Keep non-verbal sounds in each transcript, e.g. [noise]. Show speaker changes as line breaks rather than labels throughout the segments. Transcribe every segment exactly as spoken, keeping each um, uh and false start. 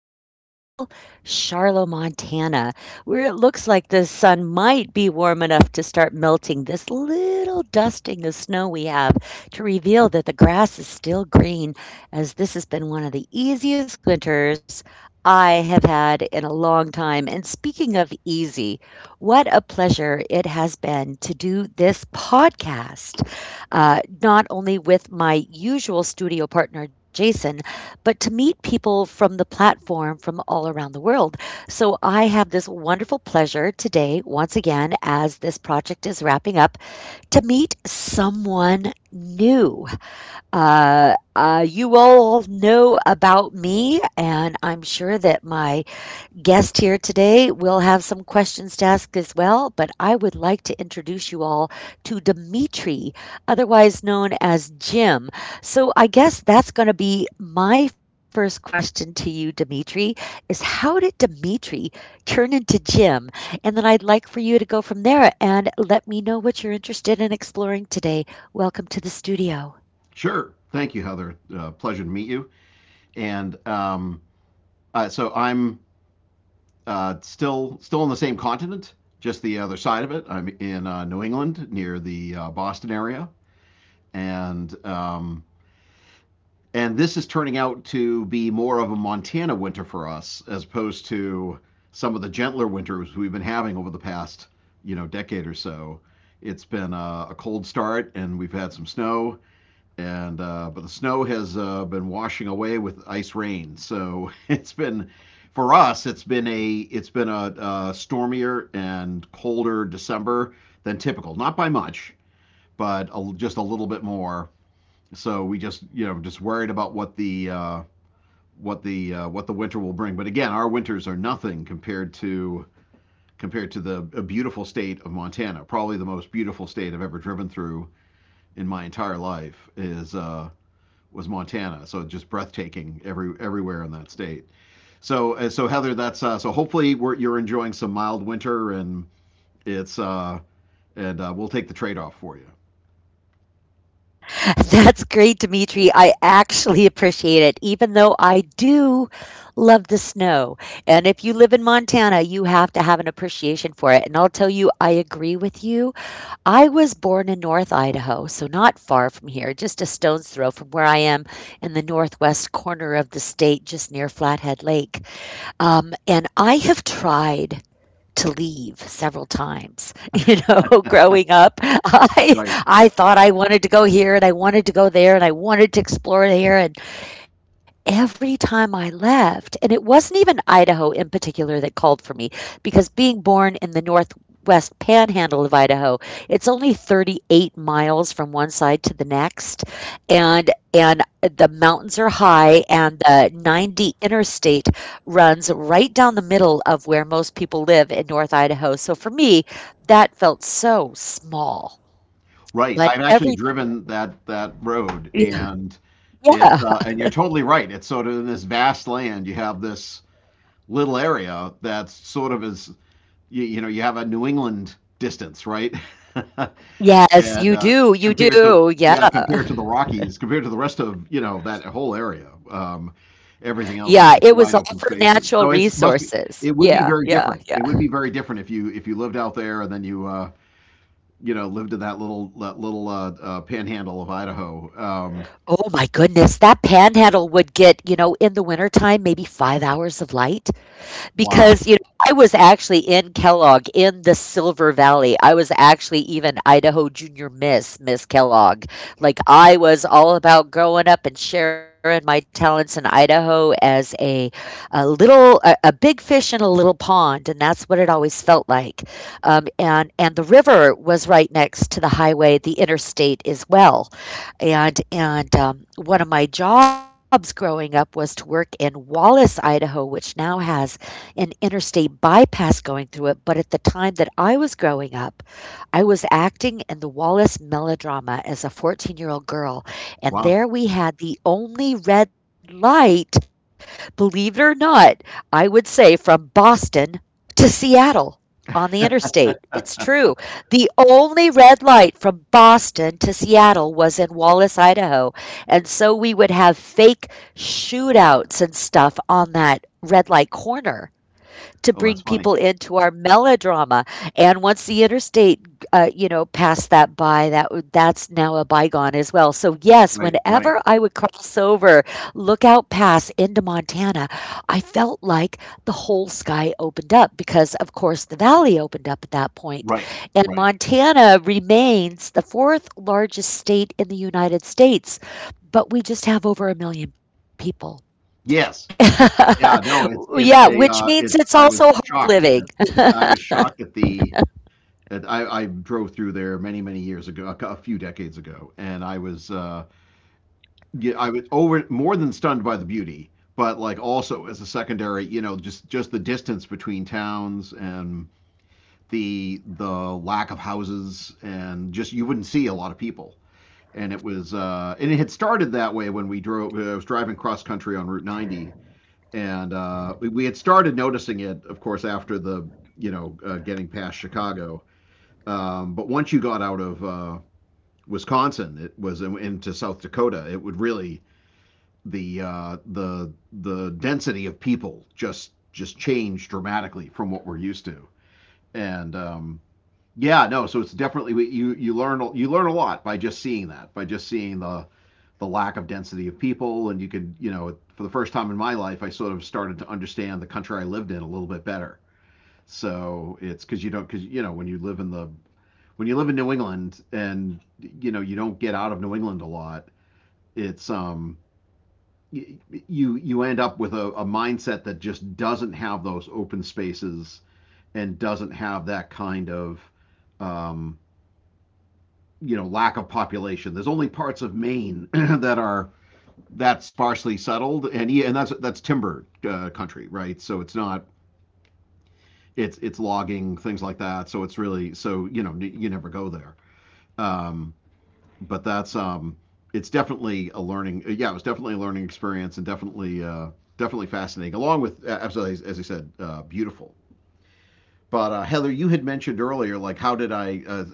beautiful Charlotte, Montana, where it looks like the sun might be warm enough to start melting this little dusting of snow we have to reveal that the grass is still green, as this has been one of the easiest winters I have had in a long time. And speaking of easy, what a pleasure it has been to do this podcast uh, not only with my usual studio partner, Jason, but to meet people from the platform from all around the world. So I have this wonderful pleasure today, once again, as this project is wrapping up, to meet someone new. Uh, uh, you all know about me, and I'm sure that my guest here today. We'll have some questions to ask as well, but I would like to introduce you all to Dimitri, otherwise known as Jim. So I guess that's going to be my first question to you, Dimitri, is how did Dimitri turn into Jim? And then I'd like for you to go from there and let me know what you're interested in exploring today. Welcome to the studio.
Sure. Thank you, Heather. Uh, pleasure to meet you. And um, uh, so I'm uh, still still on the same continent, just the other side of it. I'm in uh, New England, near the uh, Boston area, and um, and this is turning out to be more of a Montana winter for us, as opposed to some of the gentler winters we've been having over the past you know decade or so. It's been a, a cold start, and we've had some snow, and uh, but the snow has uh, been washing away with ice rain. So [laughs] it's been for us, it's been a it's been a, uh stormier and colder December than typical. Not by much, but a, just a little bit more. So we just you know just worried about what the uh, what the uh, what the winter will bring. But again, our winters are nothing compared to compared to the a beautiful state of Montana. Probably the most beautiful state I've ever driven through in my entire life is uh, was Montana. So just breathtaking every everywhere in that state. So uh, so Heather, that's uh, so hopefully we're, you're enjoying some mild winter and it's uh, and uh, we'll take the trade off for you.
[laughs] That's great, Dimitri. I actually appreciate it, even though I do love the snow. And if you live in Montana, you have to have an appreciation for it. And I'll tell you, I agree with you. I was born in North Idaho, so not far from here, just a stone's throw from where I am in the northwest corner of the state, just near Flathead Lake. Um, and I have tried to leave several times. You know, [laughs] growing up, I
Right.
I thought I wanted to go here and I wanted to go there and I wanted to explore here and every time I left and it wasn't even Idaho in particular that called for me, because being born in the Northwest Panhandle of Idaho, it's only thirty-eight miles from one side to the next, and and the mountains are high, and the ninety interstate runs right down the middle of where most people live in North Idaho, so for me, that felt so small.
Right.
But
I've actually
every time,
driven that that road,
yeah.
and it's
Yeah.
uh, and you're totally right. It's sort of in this vast land. You have this little area that's sort of as you, you know, you have a New England distance, right? [laughs]
Yes,
and
you
uh,
do, you
compared to
do, yeah.
Yeah, compared to the Rockies, compared to the rest of you know that whole area. Um, everything else is
Yeah,
just
it was
wide
all
open
for
spaces.
natural
So it's must be
resources.
it would be
Yeah,
very
yeah,
different. It
yeah.
would be very different if you if you lived out there and then you uh, you know lived in that little that little uh, uh, panhandle of Idaho. Um,
Oh my goodness, that panhandle would get, you know, in the wintertime, maybe five hours of light,
wow,
because you know I was actually in Kellogg in the Silver Valley. I was actually even Idaho Junior Miss Miss Kellogg. Like I was all about growing up and sharing my talents in Idaho as a a little a, a big fish in a little pond, and that's what it always felt like. Um, and and the river was right next to the highway, the interstate as well. And and um, one of my jobs growing up was to work in Wallace, Idaho, which now has an interstate bypass going through it, but at the time that I was growing up, I was acting in the Wallace melodrama as a fourteen year old girl.
wow.
And there we had the only red light, believe it or not, I would say from Boston to Seattle on the interstate.
[laughs]
It's true. The only red light from Boston to Seattle was in Wallace, Idaho. And so we would have fake shootouts and stuff on that red light corner to
Oh,
bring
that's funny.
people into our melodrama. And once the interstate uh, you know, passed that by, that w- that's now a bygone as well. So yes,
Right, right,
whenever I would cross over Lookout Pass into Montana, I felt like the whole sky opened up because, of course, the valley opened up at that point.
right,
And
right.
Montana remains the fourth largest state in the United States, but we just have over a million people.
Yes. Yeah. No.
[laughs]
It's it's
Yeah,
a
which
uh,
means
it's.
it's
I was
also hard
shocked.
living. [laughs]
I was shocked at the I, I drove through there many many years ago, a, a few decades ago, and I was uh, yeah, I was over more than stunned by the beauty, but like also as a secondary, you know, just just the distance between towns, and the the lack of houses, and just you wouldn't see a lot of people. And it was uh, and it had started that way when we drove. uh, I was driving cross country on Route ninety, and uh, we, we had started noticing it, of course, after the you know uh, getting past Chicago. Um, but once you got out of uh, Wisconsin, it was into South Dakota. It would really the uh, the the density of people just just changed dramatically from what we're used to. And um, Yeah, no, so it's definitely you you learn you learn a lot by just seeing that, by just seeing the the lack of density of people, and you could you know for the first time in my life, I sort of started to understand the country I lived in a little bit better. So it's because you don't, because you know when you live in the when you live in New England, and you know you don't get out of New England a lot, it's um you you end up with a, a mindset that just doesn't have those open spaces and doesn't have that kind of um, you know lack of population. There's only parts of Maine [clears throat] that are that sparsely settled, and yeah, and that's that's timber uh, country, right? So it's not it's it's logging, things like that. So it's really so you know you never go there. Um, but that's um, It's definitely a learning. Uh, Yeah, it was definitely a learning experience, and definitely uh, definitely fascinating. Along with, uh, absolutely, as I said, uh, beautiful. But uh, Heather, you had mentioned earlier, like how did I, uh,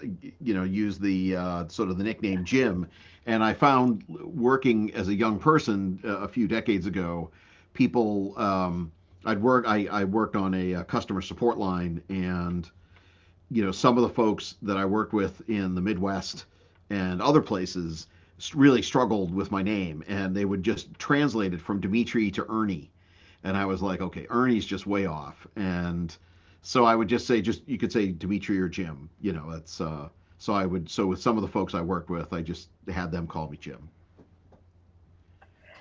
you know, use the uh, sort of the nickname Jim? And I found working as a young person uh, a few decades ago, people, um, I'd work, I, I worked on a, uh, customer support line, and you know, some of the folks that I worked with in the Midwest and other places really struggled with my name, and they would just translate it from Dimitri to Ernie, and I was like, okay, Ernie's just way off, and so I would just say, just you could say Dimitri or Jim, you know, that's. Uh, so I would, so with some of the folks I worked with, I just had them call me Jim.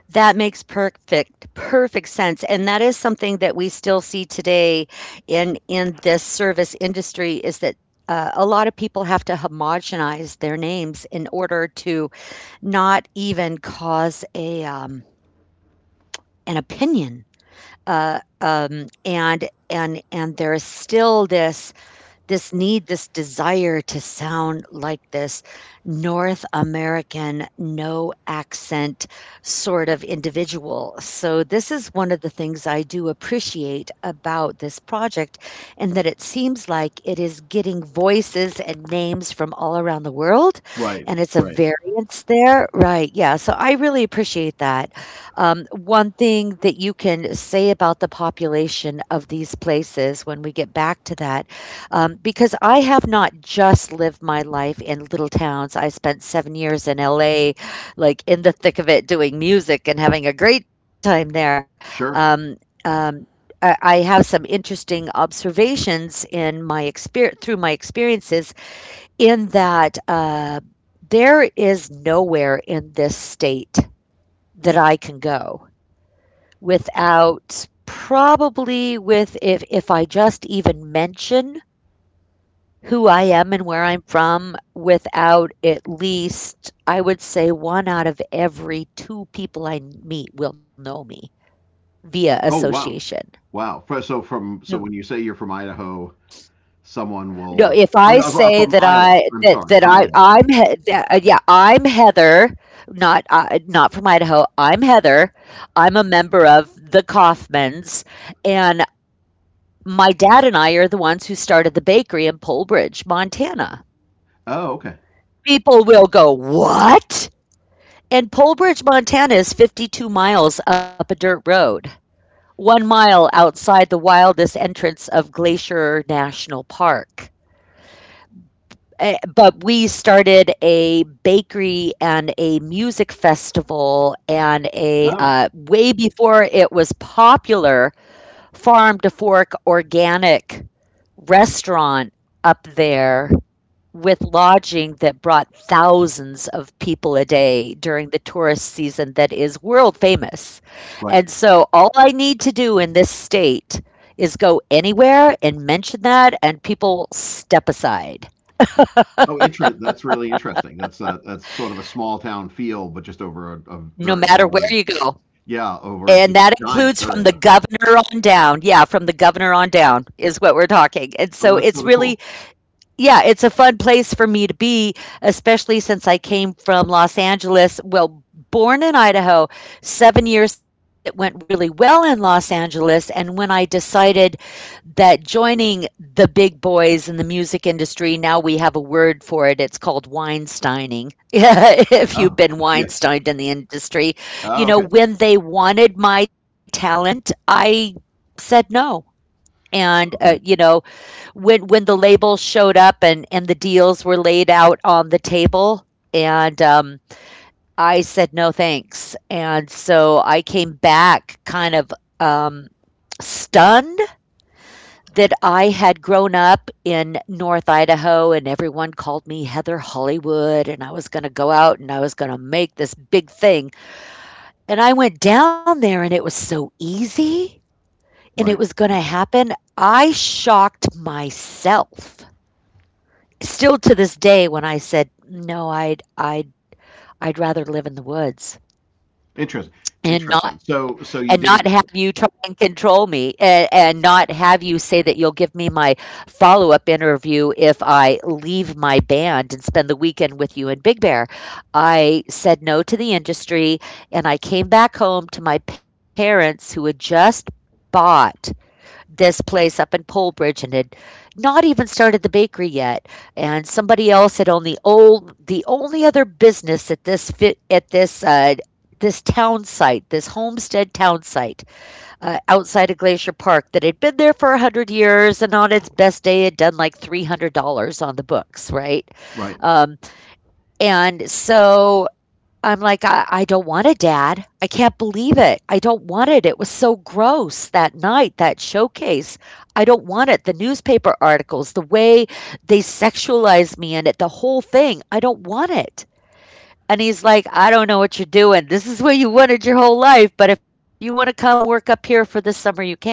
That makes perfect perfect sense, and that is something that we still see today in in this service industry is that uh, a lot of people have to homogenize their names in order to not even cause a, um, an opinion, uh, um, and and and there is still this this need, this desire to sound like this North American, no accent sort of individual. So, this is one of the things I do appreciate about this project, and that it seems like it is getting voices and names from all around the world,
Right,
and it's a
right,
variance there. Right. Yeah. So, I really appreciate that. Um, one thing that you can say about the population of these places when we get back to that, um, because I have not just lived my life in little towns. I spent seven years in L A, like in the thick of it, doing music and having a great time there.
sure.
Um, um, I I have some interesting observations in my experience through my experiences in that, uh, there is nowhere in this state that I can go without, probably, with if if I just even mention who I am and where I'm from, without at least, I would say, one out of every two people I meet will know me via
Oh wow,
association.
wow. Fr- So from,
No,
so when you say you're from Idaho, someone
no,
will.
if
Oh,
I
no, I'm
say
from
that
Iowa.
I
I'm
that
sorry,
that I
Iowa.
I'm He- that, uh, yeah, I'm Heather, not uh, not from Idaho. I'm Heather. I'm a member of the Kaufmans, and my dad and I are the ones who started the bakery in Pole Bridge, Montana.
Oh, okay.
People will go, "What?" And Polebridge, Montana is fifty-two miles up a dirt road, one mile outside the wildest entrance of Glacier National Park. Eh, but we started a bakery and a music festival and a
Oh,
uh, way before it was popular farm to fork organic restaurant up there with lodging that brought thousands of people a day during the tourist season that is world famous.
right.
And so all I need to do in this state is go anywhere and mention that, and people step aside
Oh, interest. That's really interesting. That's uh, that's sort of a small town feel, but just over a, a very
no
large,
matter where you go.
yeah, over
And
just a
that
giant
includes from the
area.
governor on down. Yeah, from the governor on down is what we're talking. And
Oh,
so
that's
it's
sort of cool.
really. Yeah, it's a fun place for me to be, especially since I came from Los Angeles. Well, born in Idaho, seven years that went really well in Los Angeles. And when I decided that joining the big boys in the music industry, now we have a word for it, it's called Weinsteining. [laughs]
Oh,
If you've
okay.
been
[laughs] Yeah.
Weinsteined in the industry,
Oh,
you
okay.
know, when they wanted my talent, I said no. And, uh,
Okay.
you know, when when the labels showed up and and the deals were laid out on the table and um I said no thanks. And so I came back kind of um stunned that I had grown up in North Idaho and everyone called me Heather Hollywood and I was going to go out and I was going to make this big thing. And I went down there and it was so easy and it
Right.
was going to
Right.
happen. I shocked myself still to this day, when I said, "No, I'd I'd I'd rather live in the woods
Interesting.
and
Interesting.
not
So, so you
and
didn't.
not have you try and control me, and and not have you say that you'll give me my follow-up interview if I leave my band and spend the weekend with you in Big Bear." I said no to the industry and I came back home to my parents who had just bought this place up in Polebridge and had not even started the bakery yet. And somebody else had only old the only other business at this fit at this, uh, this town site, this homestead town site, uh, outside of Glacier Park that had been there for a hundred years and on its best day had done like three hundred dollars on the books, right?
Right.
Um, and so I'm like, "I I don't want it, dad. I can't believe it. I don't want it. It was so gross that night, that showcase. I don't want it. The newspaper articles, the way they sexualized me in it, the whole thing. I don't want it." And he's like, "I don't know what you're doing. This is what you wanted your whole life, but if you want to come work up here for the summer, you can."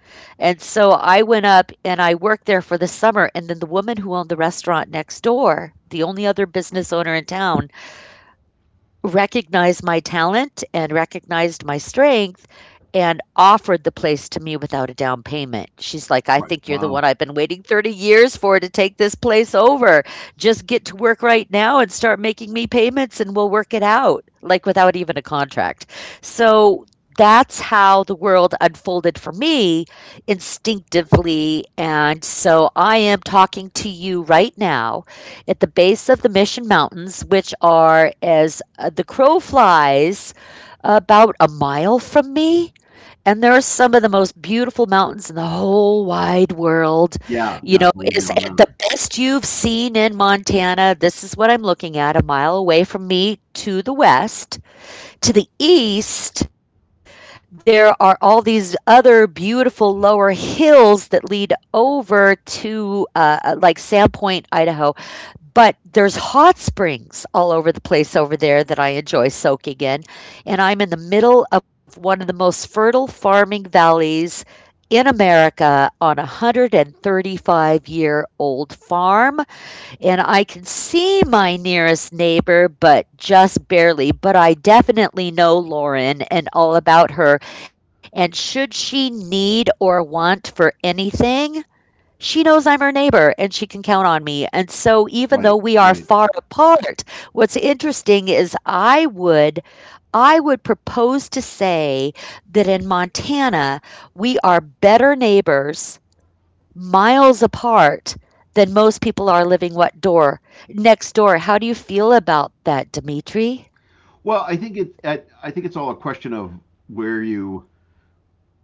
And so I went up and I worked there for the summer. And then the woman who owned the restaurant next door, the only other business owner in town, recognized my talent and recognized my strength and offered the place to me without a down payment. She's like, I
Right.
think you're the
Wow.
one I've been waiting thirty years for to take this place over. Just get to work right now and start making me payments and we'll work it out, like without even a contract. So that's how the world unfolded for me instinctively. And so I am talking to you right now at the base of the Mission Mountains, which are, as uh, the crow flies, about a mile from me. And there are some of the most beautiful mountains in the whole wide world.
Yeah.
You
Yeah. I
know,
believe
is
you
uh,
on that.
the best you've seen in Montana. This is what I'm looking at a mile away from me to the west. To the east, there are all these other beautiful lower hills that lead over to uh, uh, like Sandpoint, Idaho. But there's hot springs all over the place over there that I enjoy soaking in. And I'm in the middle of one of the most fertile farming valleys in America on a one hundred thirty-five year old farm, and I can see my nearest neighbor, but just barely. But I definitely know Lauren and all about her. And should she need or want for anything, she knows I'm her neighbor and she can count on me. And so, even though
Right.
we are
Right.
far apart, what's interesting is I would I would propose to say that in Montana, we are better neighbors miles apart than most people are living what door next door. How do you feel about that, Dimitri?
Well, I think it's. I I think it's all a question of where you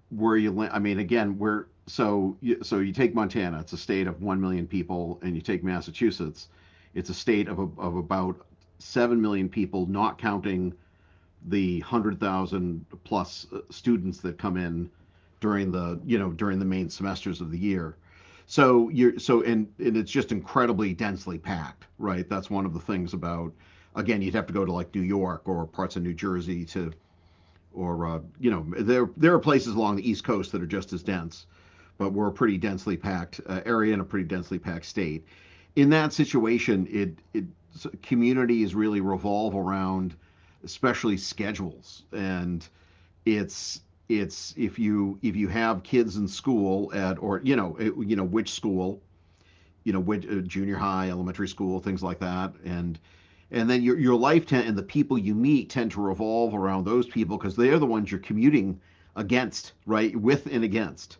where you land. I mean, again, we're so you, so you take Montana, it's a state of one million people, and you take Massachusetts, it's a state of a, of about seven million people, not counting the one hundred thousand plus uh, students that come in during the you know during the main semesters of the year. So you're so and, and it's just incredibly densely packed, right? That's one of the things about again, you'd have to go to like New York or parts of New Jersey to or uh, you know, there there are places along the East Coast that are just as dense, but we're a pretty densely packed uh, area and a pretty densely packed state. In that situation, it it so communities really revolve around, especially schedules, and it's it's if you if you have kids in school at or you know it, you know which school you know, uh, junior high, elementary school, things like that, and and then your your life ten- and the people you meet tend to revolve around those people because they are the ones you're commuting against, right? With and against,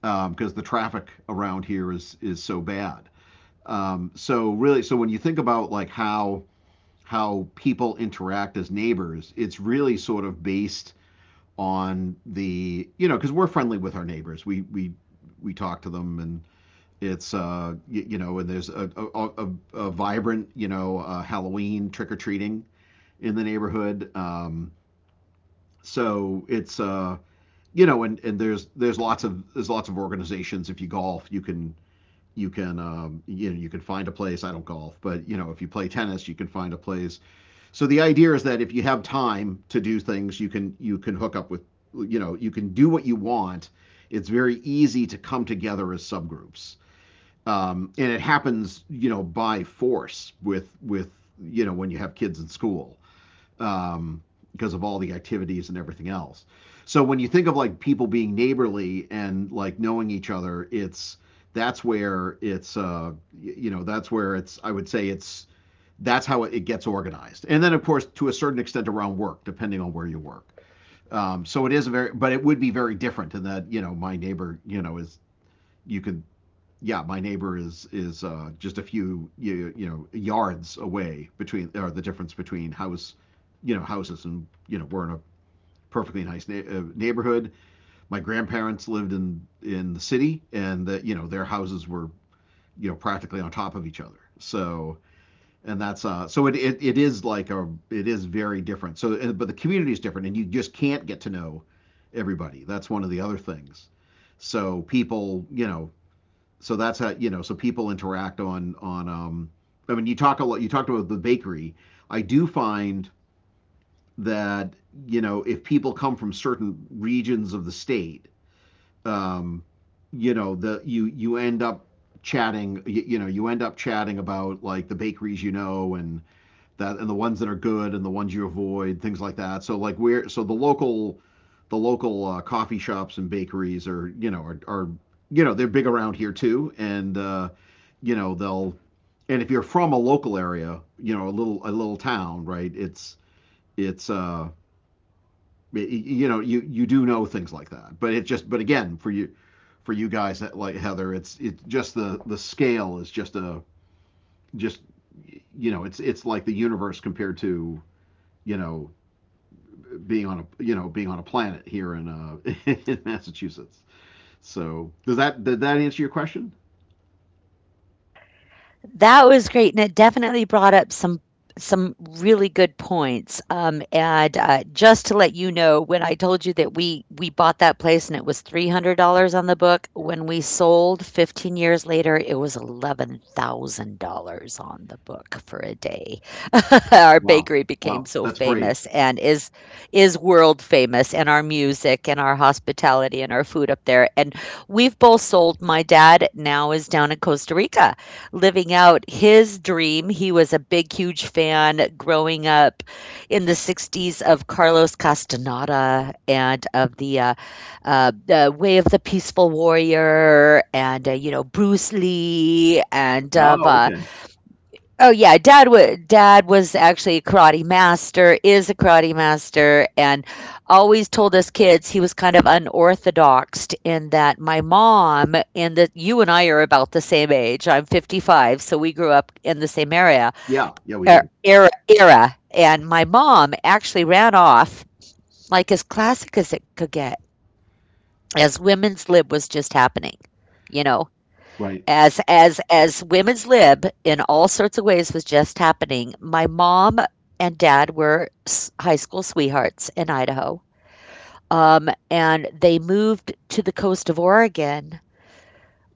because um, the traffic around here is is so bad. Um, so really, so when you think about like how how people interact as neighbors, it's really sort of based on the you know because we're friendly with our neighbors. We we we talk to them, and it's uh y- you know, and there's a a, a, a vibrant, you know, uh, Halloween trick or treating in the neighborhood. Um, so it's uh you know and and there's there's lots of there's lots of organizations. If you golf, you can you can um, you know, you can find a place. I don't golf, but you know, if you play tennis, you can find a place. So the idea is that if you have time to do things, you can you can hook up with you know, you can do what you want. It's very easy to come together as subgroups, um, and it happens you know by force with with you know when you have kids in school, um, because of all the activities and everything else, so when you think of like people being neighborly and like knowing each other, it's that's where it's uh you know that's where it's I would say it's that's how it, it gets organized, and then of course to a certain extent around work, depending on where you work. Um, so it is a very but it would be very different in that you know my neighbor you know is you could yeah, my neighbor is is uh, just a few you, you know, yards away between or the difference between house, you know, houses, and you know, we're in a perfectly nice na- uh, neighborhood. My grandparents lived in in the city, and that you know, their houses were you know practically on top of each other. So and that's uh so it, it it is like a it is very different. So but the community is different, and you just can't get to know everybody. That's one of the other things. So people, you know, so that's how you know so people interact on on um I mean, you talk a lot you talked about the bakery. I do find that you know if people come from certain regions of the state, um you know, the you you end up chatting you, you know, you end up chatting about like the bakeries you know, and that, and the ones that are good and the ones you avoid, things like that. So like we're so the local the local uh, coffee shops and bakeries are you know are, are you know they're big around here too, and uh, you know they'll and if you're from a local area, you know, a little a little town, right? It's it's uh y- you know you you do know things like that, but it just but again for you for you guys like Heather, it's it's just the the scale is just a just you know, it's it's like the universe compared to, you know, being on a, you know, being on a planet here in uh, [laughs] in Massachusetts. So does that did that answer your question?
That was great, and it definitely brought up some some really good points, um, and, uh, just to let you know, when I told you that we we bought that place and it was three hundred dollars on the book, when we sold fifteen years later, it was eleven thousand dollars on the book for a day. [laughs] Our
Wow,
bakery became
wow,
so
that's great.
famous and is is world famous, and our music and our hospitality and our food up there, and we've both sold. My dad now is down in Costa Rica living out his dream. He was a big, huge fan growing up in the sixties of Carlos Castaneda and of the uh, uh, the Way of the Peaceful Warrior, and, uh, you know, Bruce Lee, and of
Oh,
uh,
okay,
oh yeah, dad was dad was actually a karate master, is a karate master, and always told us kids he was kind of unorthodox in that my mom, and that you and I are about the same age. I'm fifty-five, so we grew up in the same area,
yeah, yeah, we
er,
did.
era era, and my mom actually ran off like as classic as it could get as women's lib was just happening, you know,
Right,
as as as women's lib in all sorts of ways was just happening. My mom and dad were s high school sweethearts in Idaho, um, and they moved to the coast of Oregon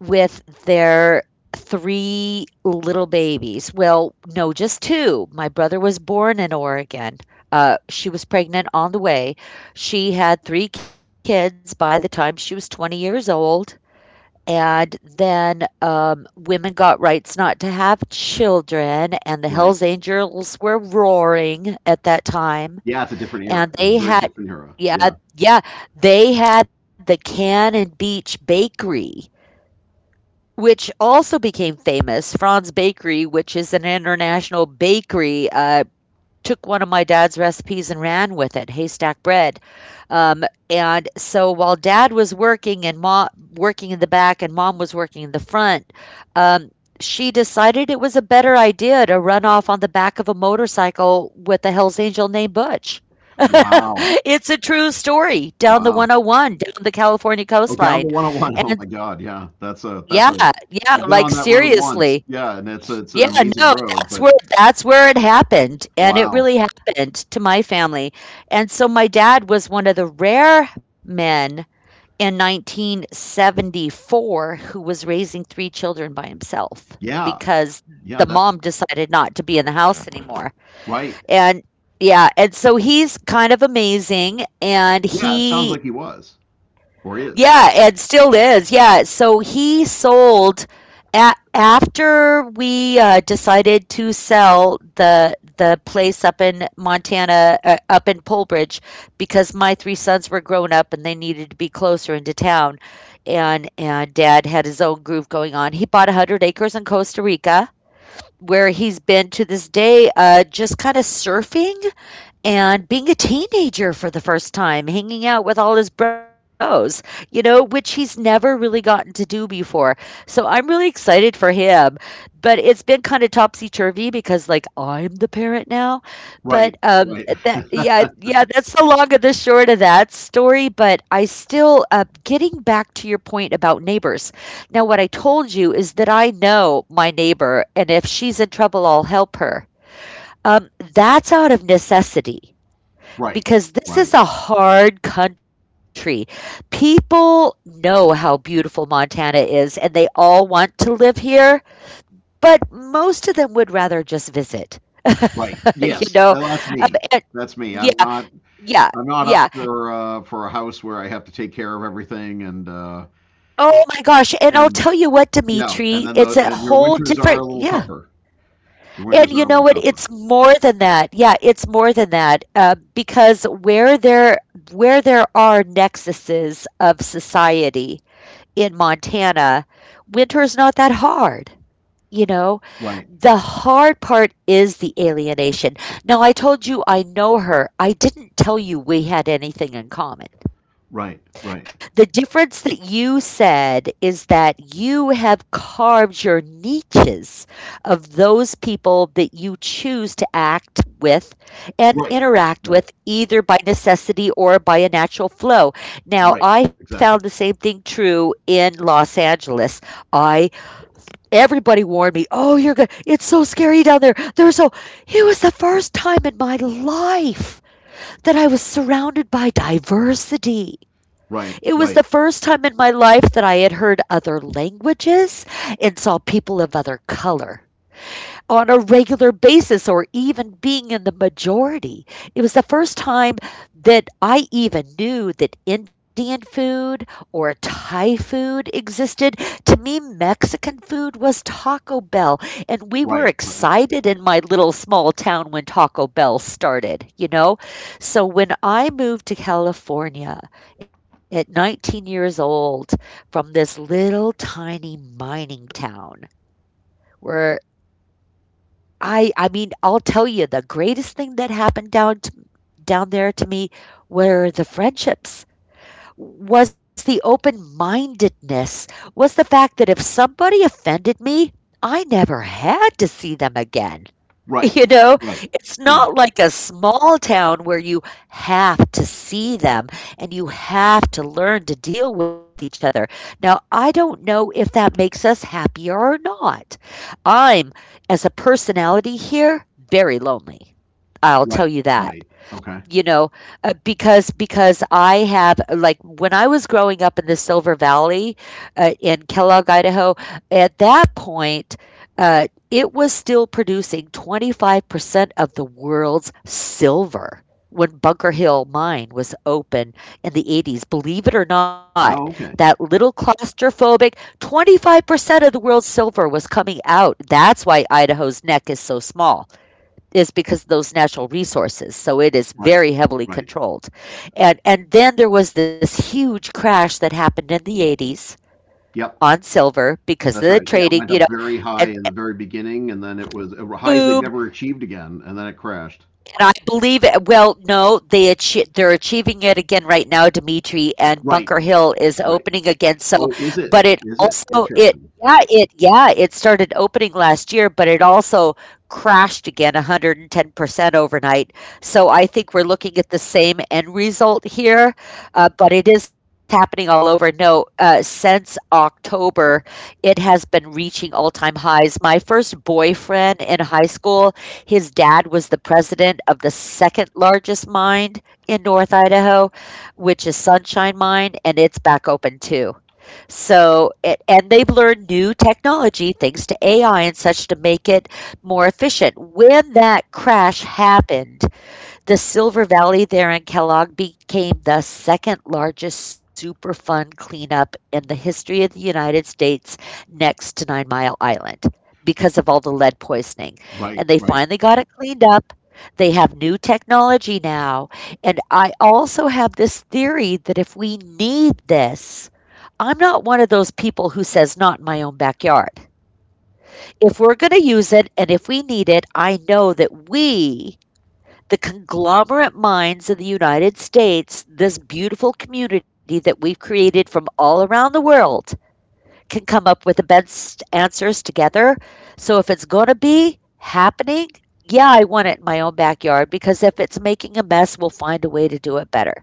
with their three little babies. Well, no, just two. My brother was born in Oregon. Uh, she was pregnant on the way. She had three kids by the time she was twenty years old. And then, um, women got rights not to have children, and the
right.
Hells Angels were roaring at that time,
Yeah, it's a different era.
and
It was a
they
very
had
different era.
yeah,
Yeah.
yeah, they had the Cannon Beach Bakery, which also became famous. Franz Bakery, which is an international bakery, uh, took one of my dad's recipes and ran with it, Haystack Bread. Um, and so while dad was working and mom working in the back and mom was working in the front, um, she decided it was a better idea to run off on the back of a motorcycle with a Hells Angel named Butch. [laughs]
Wow,
It's a true story down the
wow.
one oh one, down the California
Oh, down
coastline.
the one oh one. Oh one. Oh
And
my God, yeah. That's a that's a.
yeah, yeah,
I've been on
like
that road once.
seriously.
Yeah, and it's a, it's an
Yeah,
amazing
no,
road.
that's
But
where that's where it happened. And it
wow,
really happened to my family. And so my dad was one of the rare men in nineteen seventy-four who was raising three children by himself
yeah,
because
yeah.
the
That's
mom decided not to be in the house anymore.
right.
And yeah, and so he's kind of amazing, and
Yeah, it sounds like he
he
was or is.
yeah, and still is. Yeah. So he sold a after we uh, decided to sell the the place up in Montana, uh, up in Polbridge, because my three sons were grown up and they needed to be closer into town, and and Dad had his own groove going on. He bought a hundred acres in Costa Rica, where he's been to this day, uh, just kind of surfing and being a teenager for the first time, hanging out with all his bros, you know, which he's never really gotten to do before. So I'm really excited for him. But it's been kind of topsy turvy because, like, I'm the parent now.
Right,
But um,
right.
that,
[laughs]
yeah, yeah, that's the long and the short of that story. But I still, uh, getting back to your point about neighbors. Now, what I told you is that I know my neighbor, and if she's in trouble, I'll help her. Um, that's out of necessity
Right,
because this is
right,
a hard country. People know how beautiful Montana is and they all want to live here, but most of them would rather just visit.
right.
[laughs]
Yes,
You
no,
know?
that's me.
Um, and-
That's me. I'm not
yeah,
I'm not
yeah,
up
yeah.
for uh for a house where I have to take care of everything and uh,
Oh my gosh. And I'll
and
tell you what,
yeah, and
Dimitri,
then the
it's a
and your
whole
winters are a
different,
little
yeah.
tougher. Your
And
winters are
you
a
know
little
what?
tougher.
It's more than that. Yeah, it's more than that. Uh, because where there where there are nexuses of society, in Montana, winter's not that hard. You know,
Right,
the hard part is the alienation. Now, I told you I know her. I didn't tell you we had anything in common.
right, right.
The difference that you said is that you have carved your niches of those people that you choose to act with and
Right,
interact
right,
with either by necessity or by a natural flow.
right.
Now, I found the
Exactly.
same thing true in Los Angeles. I Everybody warned me, "Oh, you're good. It's so scary down there. There's so" it was the first time in my life that I was surrounded by diversity.
Right,
It was the
right,
first time in my life that I had heard other languages and saw people of other color on a regular basis or even being in the majority. It was the first time that I even knew that Indian food or Thai food existed. To me, Mexican food was Taco Bell, and we were
right, right,
excited in my little small town when Taco Bell started, you know? So when I moved to California at nineteen years old from this little tiny mining town, where I I mean, I'll tell you the greatest thing that happened down to, down there to me were the friendships. Was the open-mindedness, was the fact that if somebody offended me, I never had to see them again. [laughs]
right,
You know,
right.
it's
Yeah,
not like a small town where you have to see them and you have to learn to deal with each other. Now, I don't know if that makes us happier or not. I'm, as a personality here, very lonely. I'll tell
right,
you that.
right. Okay.
You know, uh, because because I have, like, when I was growing up in the Silver Valley, uh, in Kellogg, Idaho, at that point, uh, it was still producing twenty-five percent of the world's silver when Bunker Hill Mine was open in the eighties, believe it or not.
Oh,
That
okay.
little claustrophobic twenty-five percent of the world's silver was coming out. That's why Idaho's neck is so small, is because of those natural resources. So it is
Right,
very heavily
right.
controlled. And and then there was this huge crash that happened in the eighties
Yep.
on silver because
That's
of the
right. Yeah, it
trading,
went
you know,
up very high
and
in the very beginning, and then it was uh, highs they've
boom.
never achieved again, and then it crashed.
And I believe it. Well, no, they achi- they're achieving it again right now, Dimitri, and
Right,
Bunker Hill is
right.
opening again. So,
Oh, is it?
but it
Is it?
also it
Interesting.
yeah it yeah it started opening last year, but it also crashed again one hundred ten percent overnight. So I think we're looking at the same end result here, uh, but it is happening all over. No, uh, since October, it has been reaching all time highs. My first boyfriend in high school, his dad was the president of the second largest mine in North Idaho, which is Sunshine Mine, and it's back open too. So, a- and they've learned new technology, thanks to A I and such, to make it more efficient. When that crash happened, the Silver Valley there in Kellogg became the second largest Superfund cleanup in the history of the United States next to Nine Mile Island because of all the lead poisoning.
Right,
And they
right,
finally got it cleaned up. They have new technology now. And I also have this theory that if we need this, I'm not one of those people who says not in my own backyard. If we're going to use it and if we need it, I know that we the conglomerate minds of the United States, this beautiful community that we've created from all around the world, can come up with the best answers together. So if it's going to be happening, yeah, I want it in my own backyard because if it's making a mess, we'll find a way to do it better.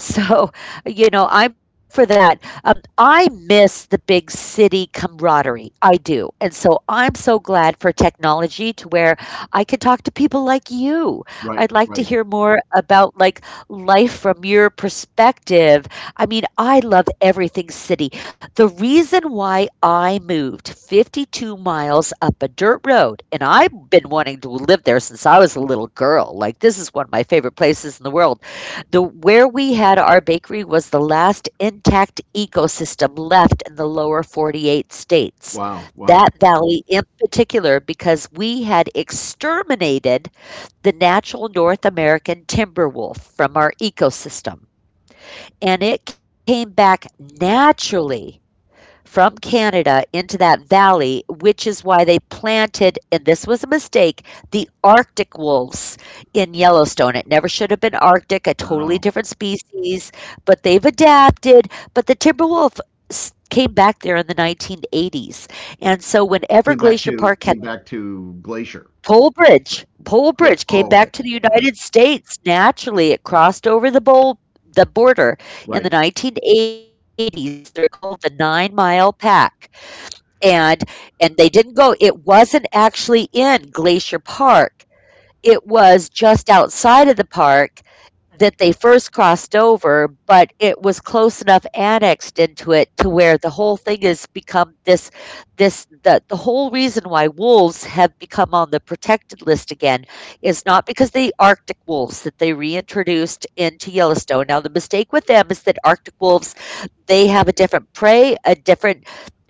So, you know, I'm for that. Um, I miss the big city camaraderie. I do. And so I'm so glad for technology to where I could talk to people like you. I'd
right,
like to
right.
hear more about like life from your perspective. I mean, I love everything city. The reason why I moved fifty-two miles up a dirt road, and I've been wanting to live there since I was a little girl. Like, this is one of my favorite places in the world. The where we had our bakery was the last intact ecosystem left in the lower forty-eight states.
Wow, wow.
That valley in particular, because we had exterminated the natural North American timber wolf from our ecosystem, and it came back naturally from Canada into that valley, which is why they planted, and this was a mistake, the Arctic wolves in Yellowstone. It never should have been Arctic, a totally
Oh,
different species, but they've adapted. But the timber wolf s- came back there in the nineteen eighties. And so, whenever
came back
Glacier
to
Park had
came back to Glacier.
Pole Bridge, Pole
Cool.
Bridge came
Oh, okay,
back to the
okay.
United States naturally, it crossed over the bowl. The border
Right.
in the nineteen eighties, they're called the Nine Mile Pack. And and they didn't go, it wasn't actually in Glacier Park. It was just outside of the park that they first crossed over, but it was close enough annexed into it to where the whole thing has become this this the the whole reason why wolves have become on the protected list again is not because the Arctic wolves that they reintroduced into Yellowstone. Now the mistake with them is that Arctic wolves, they have a different prey, a different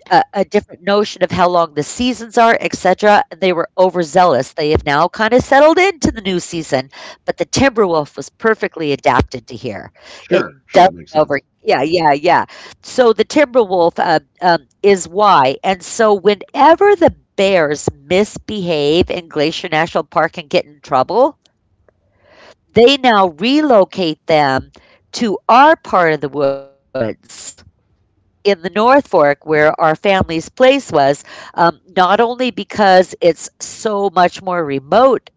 a, a different notion of how long the seasons are, et cetera. And they were overzealous. They have now kind of settled into the new season, but the Timberwolf was perfectly adapted to here. It
Sure, sure. That
does
makes sense.
over. Yeah, yeah, yeah. So the Timberwolf uh, um, is why. And so whenever the Bears misbehave in Glacier National Park and get in trouble, they now relocate them to our part of the woods in the North Fork where our family's place was, um, not only because it's so much more remote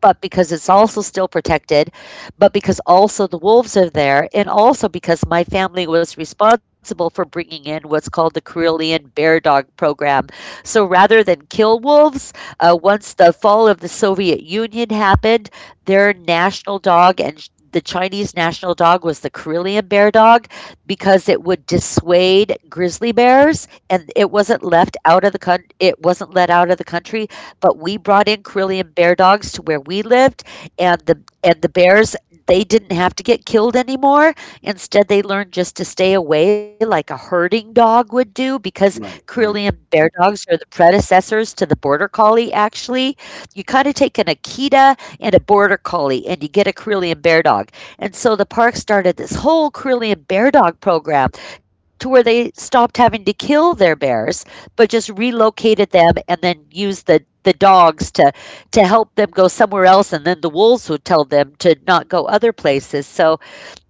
but because it's also still protected, but because also the wolves are there, and also because my family was responsible for bringing in what's called the Karelian Bear Dog Program. So rather than kill wolves, uh, once the fall of the Soviet Union happened, their national dog and sh- the Chinese national dog was the Karelian bear dog because it would dissuade grizzly bears, and it wasn't left out of the coun- it wasn't let out of the country, but we brought in Carillion bear dogs to where we lived, and the and the bears, they didn't have to get killed anymore. Instead, they learned just to stay away like a herding dog would do, because
Right,
Carillion
right,
bear dogs are the predecessors to the border collie, actually. You kind of take an Akita and a border collie and you get a Carillion bear dog. And so the park started this whole Carillion bear dog program to where they stopped having to kill their bears, but just relocated them and then used the the dogs to to help them go somewhere else, and then the wolves would tell them to not go other places. So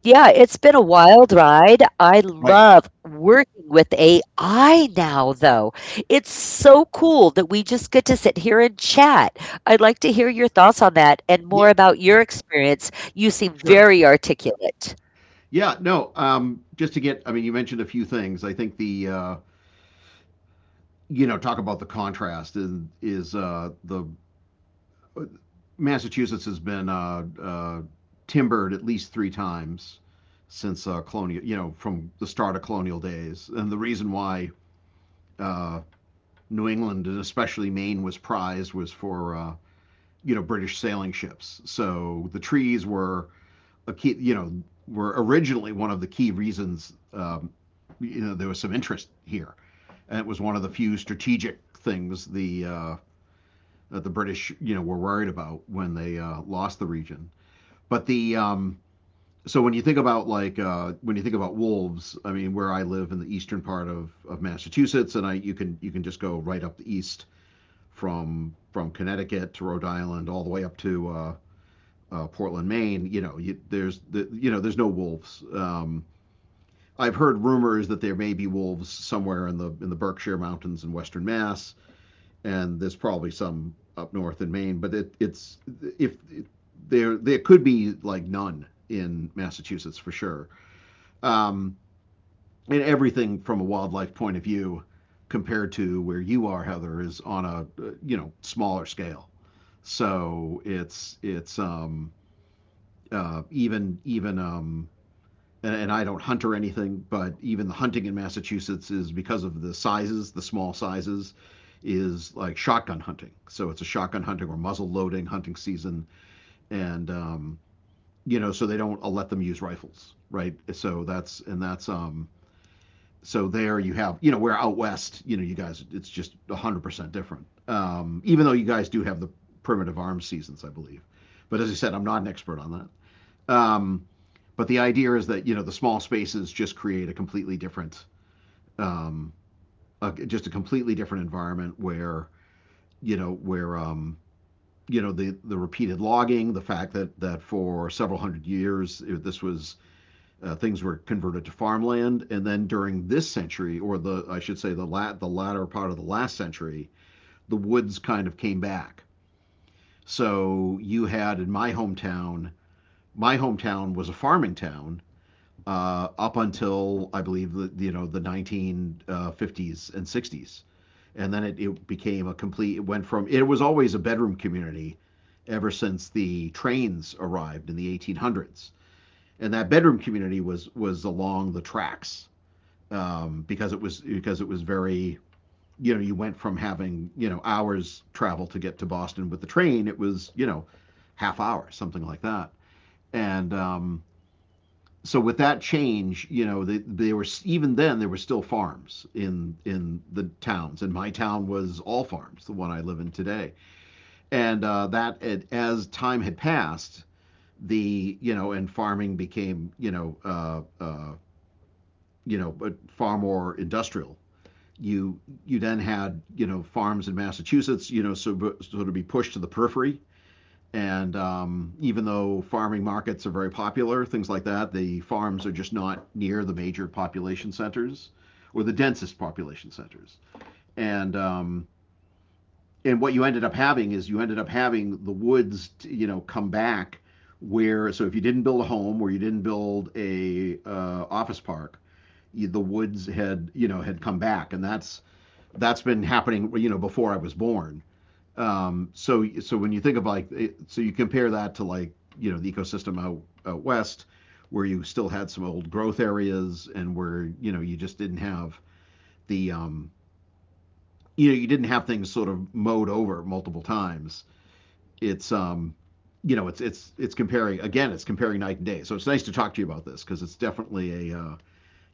yeah, it's been a wild ride. I
right.
love working with A I now though. It's so cool that we just get to sit here and chat. I'd like to hear your thoughts on that and more
Yeah,
about your experience. You seem
sure.
very articulate.
Yeah, no. Um, just to get, I mean, you mentioned a few things. I think the uh, you know talk about the contrast is is uh, the Massachusetts has been uh, uh, timbered at least three times since uh, colonial, you know, from the start of colonial days. And the reason why uh, New England and especially Maine was prized was for uh, you know, British sailing ships. So the trees were a key, you know, were originally one of the key reasons um, you know, there was some interest here, and it was one of the few strategic things the uh, that the British, you know, were worried about when they uh, lost the region. But the um, so when you think about like uh, when you think about wolves, I mean, where I live in the eastern part of, of Massachusetts, and I you can you can just go right up the east from from Connecticut to Rhode Island, all the way up to uh, uh, Portland, Maine. You know, you, there's the, you know, there's no wolves. Um, I've heard rumors that there may be wolves somewhere in the in the Berkshire Mountains in Western Mass, and there's probably some up north in Maine, but it, it's if it, there there could be like none in Massachusetts for sure, um, and everything from a wildlife point of view compared to where you are, Heather, is on a uh, you know, smaller scale. So it's it's um, uh, even even um, and, and I don't hunt or anything, but even the hunting in Massachusetts is, because of the sizes, the small sizes, is like shotgun hunting. So it's a shotgun hunting or muzzle loading hunting season, and um, you know, so they don't uh, let them use rifles, right? So that's and that's um, so there you have, you know, where out west, you know, you guys, it's just a hundred percent different. Um, even though you guys do have the primitive arms seasons, I believe, but as I said, I'm not an expert on that. Um, but the idea is that you know the small spaces just create a completely different, um, a, just a completely different environment where you know where um, you know, the the repeated logging, the fact that that for several hundred years it, this was uh, things were converted to farmland, and then during this century, or the I should say the lat the latter part of the last century, the woods kind of came back. So you had in my hometown, my hometown was a farming town, uh, up until I believe the you know the nineteen fifties and sixties, and then it, it became a complete. It went from, it was always a bedroom community, ever since the trains arrived in the eighteen hundreds, and that bedroom community was was along the tracks um, because it was because it was very, you know, you went from having, you know, hours travel to get to Boston with the train. It was, you know, half hour something like that, and um, so with that change, you know, they, they were even then there were still farms in in the towns, and my town was all farms, the one I live in today. And uh, that it, as time had passed, the you know, and farming became, you know, uh, uh, you know, far more industrial. You you then had, you know, farms in Massachusetts, you know, so so to be pushed to the periphery, and um, even though farming markets are very popular, things like that, the farms are just not near the major population centers or the densest population centers. And um, and what you ended up having is, you ended up having the woods, you know, come back where, so if you didn't build a home or you didn't build a uh, office park, you, the woods had, you know, had come back, and that's that's been happening, you know, before I was born, um, so, so when you think of like, so you compare that to like, you know, the ecosystem out, out west where you still had some old growth areas and where, you know, you just didn't have the um, you know, you didn't have things sort of mowed over multiple times. It's um, you know, it's it's it's comparing, again, it's comparing night and day. So it's nice to talk to you about this because it's definitely a uh,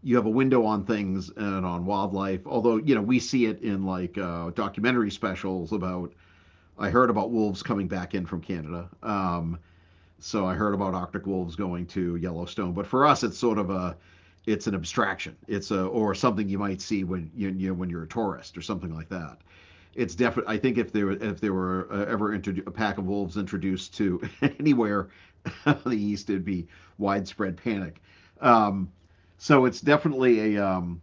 you have a window on things and on wildlife. Although, you know, we see it in like uh, documentary specials about, I heard about wolves coming back in from Canada. Um, so I heard about Arctic wolves going to Yellowstone. But for us, it's sort of a, it's an abstraction. It's a, or something you might see when you, you know, when you're a tourist or something like that. It's definitely. I think if there if there were uh, ever introdu- a pack of wolves introduced to anywhere [laughs] in the east, it'd be widespread panic. Um, so it's definitely a um,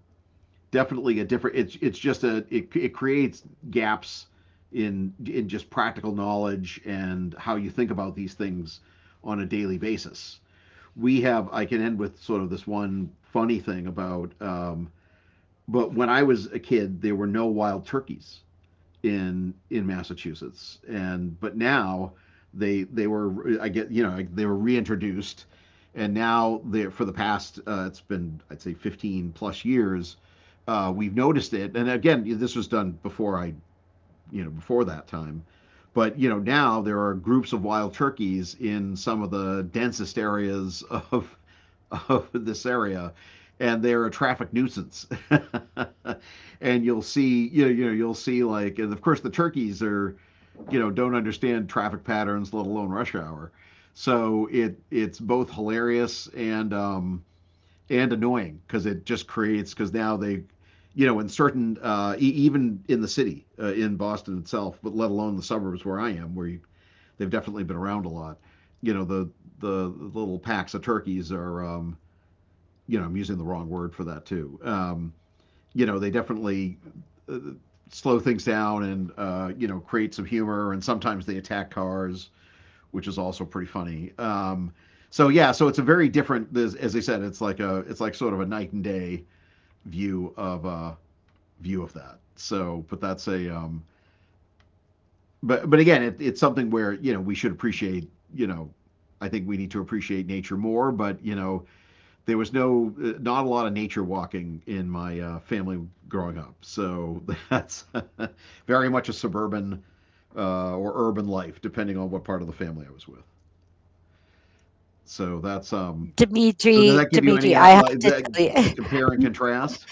definitely a different. It's it's just a it it creates gaps in in just practical knowledge and how you think about these things on a daily basis. We have, I can end with sort of this one funny thing about. Um, but when I was a kid, there were no wild turkeys in in Massachusetts, and but now they they were, I get, you know, like, they were reintroduced, and now they for the past uh, it's been, I'd say, fifteen plus years. Uh, we've noticed it, and again, this was done before I you know, before that time. But you know, now there are groups of wild turkeys in some of the densest areas of of this area, and they're a traffic nuisance. [laughs] And you'll see, you know, you know, you'll see like, and of course the turkeys are, you know, don't understand traffic patterns let alone rush hour, so it it's both hilarious and um, and annoying because it just creates, because now they, you know, in certain uh, e- even in the city uh, in Boston itself, but let alone the suburbs where I am, where you, they've definitely been around a lot, you know, the the little packs of turkeys are um, you know, I'm using the wrong word for that too, um, you know, they definitely uh, slow things down and uh, you know, create some humor, and sometimes they attack cars, which is also pretty funny, um, so yeah, so it's a very different, as I said, it's like a, it's like sort of a night and day view of uh, view of that. So, but that's a um, but but again, it, it's something where, you know, we should appreciate, you know. I think we need to appreciate nature more, but you know there was no uh, not a lot of nature walking in my uh, family growing up, so that's [laughs] very much a suburban uh, or urban life, depending on what part of the family I was with. So that's um. So does
dimitri
that give you
dimitri
any
I
uh,
have
like
to
that,
tell
uh, compare and
you. [laughs]
contrast?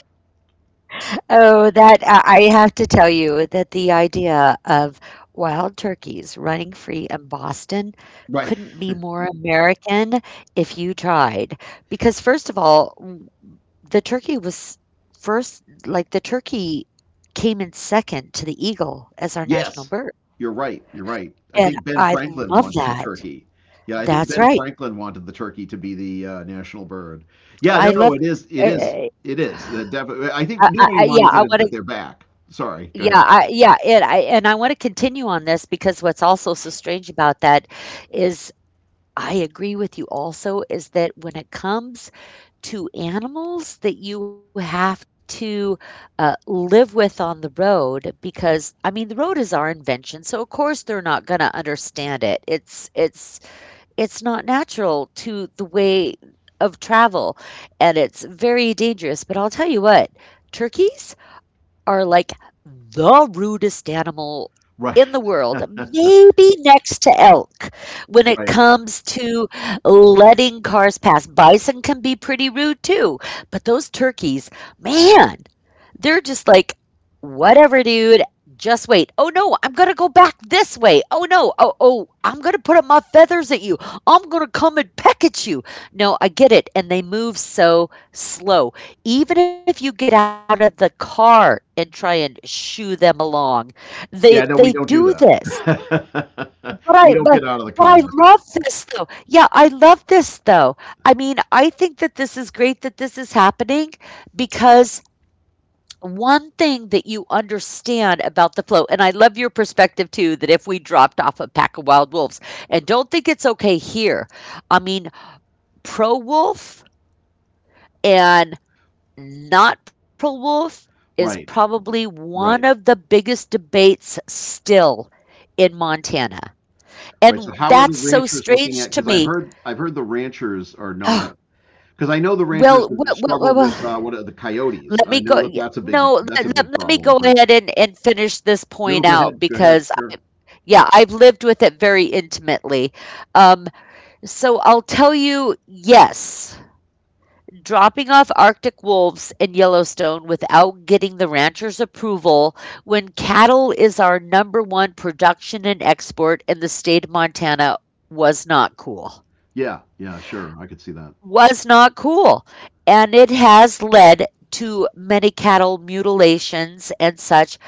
Oh, that uh, I have to tell you that the idea of wild turkeys running free in Boston
Right.
couldn't be more American if you tried. Because, first of all, w- the turkey was first, like, the turkey came in second to the eagle as our
Yes,
national bird.
you're right, you're right. I think
And
Ben
I
Franklin
love
wanted the
that.
turkey. Yeah, I think Ben
That's right.
Franklin wanted the turkey to be the uh, national bird. Yeah, no,
I
no,
love.
it is,
Uh,
it is,
uh,
it is. The def- I think
I, I,
nobody
I- yeah,
minds
I
that, it,
want
that
to.
they're back. Sorry, go
Yeah,
ahead.
I, yeah, it, I, and I want to continue on this because what's also so strange about that is I agree with you also is that when it comes to animals that you have to uh, live with on the road, because I mean the road is our invention, so of course they're not going to understand it. It's it's it's not natural to the way of travel, and it's very dangerous. But I'll tell you what, turkeys are like the rudest animal in the
Right,
world,
[laughs]
maybe next to elk, when it
right.
comes to letting cars pass. Bison can be pretty rude too, but those turkeys, man, they're just like, whatever, dude. Just wait. Oh no, I'm gonna go back this way. Oh no. Oh oh, I'm gonna put up my feathers at you. I'm going to come and peck at you. No, I get it. And they move so slow. Even if you get out of the car and try and shoo them along, they they
Yeah, no, we
do
don't do
this.
that. [laughs]
But I
We
but,
don't get out of
but
the
I
car.
love this though. Yeah, I love this though. I mean, I think that this is great that this is happening because one thing that you understand about the flow, and I love your perspective too, that if we dropped off a pack of wild wolves, and don't think it's okay here. I mean, pro wolf and not pro wolf is
Right,
probably one
right,
of the biggest debates still in Montana.
right. So
And
how are the
that's so
ranchers looking at?
strange
Because
to
I've
me.
heard, I've heard the ranchers are not.
Oh,
Because I know the ranchers
well,
have
well,
just
well, well,
struggled with uh,
well,
what are the coyotes.
let me
I know
go.
that
Yeah,
that's a big
no,
that's
let,
a
let-
big
let me
problem.
go
But
ahead and and finish this
go
point
go
out,
ahead, go ahead.
because
Sure.
yeah, I've lived with it very intimately. Um, so I'll tell you, yes. Dropping off Arctic wolves in Yellowstone without getting the rancher's approval when cattle is our number one production and export in the state of Montana was not cool.
Yeah, yeah, sure. I could see that.
Was not cool. And it has led to many cattle mutilations and such,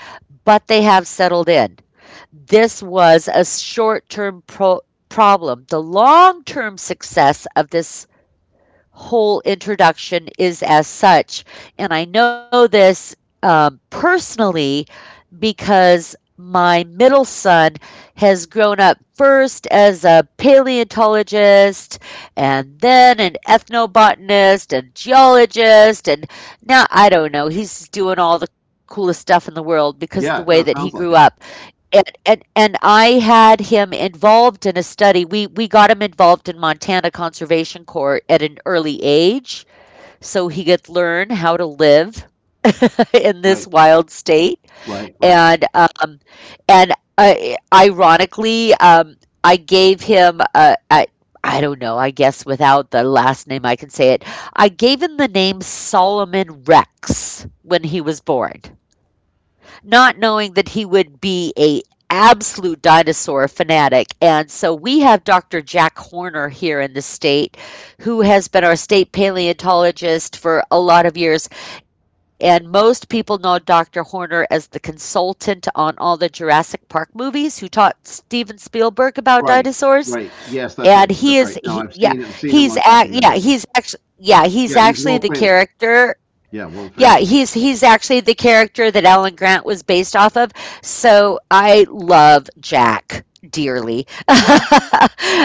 but they have settled in. This was a short term pro- problem. The long term success of this whole introduction is as such. And I know this um, personally because my middle son has grown up first as a paleontologist and then an ethnobotanist and geologist, and now I don't know, he's doing all the coolest stuff in the world because of the way that
Yeah,
he
no, it
grew
sounds
up.
like it.
And and, and I had him involved in a study, we we got him involved in Montana Conservation Corps at an early age so he could learn how to live [laughs] in
Right,
this wild state.
right, right,
And um, and I ironically, um, I gave him a, a, I don't know, I guess without the last name I can say it, I gave him the name Solomon Rex when he was born, not knowing that he would be a absolute dinosaur fanatic. And so we have doctor Jack Horner here in the state who has been our state paleontologist for a lot of years, and most people know doctor Horner as the consultant on all the Jurassic Park movies who taught Steven Spielberg about
right,
dinosaurs.
right. Yes, that's right,
And he
that's right.
is
No,
he,
I've
yeah,
seen I've seen him
he's
on
act yeah,
documentaries.
he's actually yeah, he's
Yeah, he's
actually
world
the
famous.
character
Yeah, world
yeah,
famous.
he's he's actually the character that Alan Grant was based off of. So I love Jack dearly. [laughs]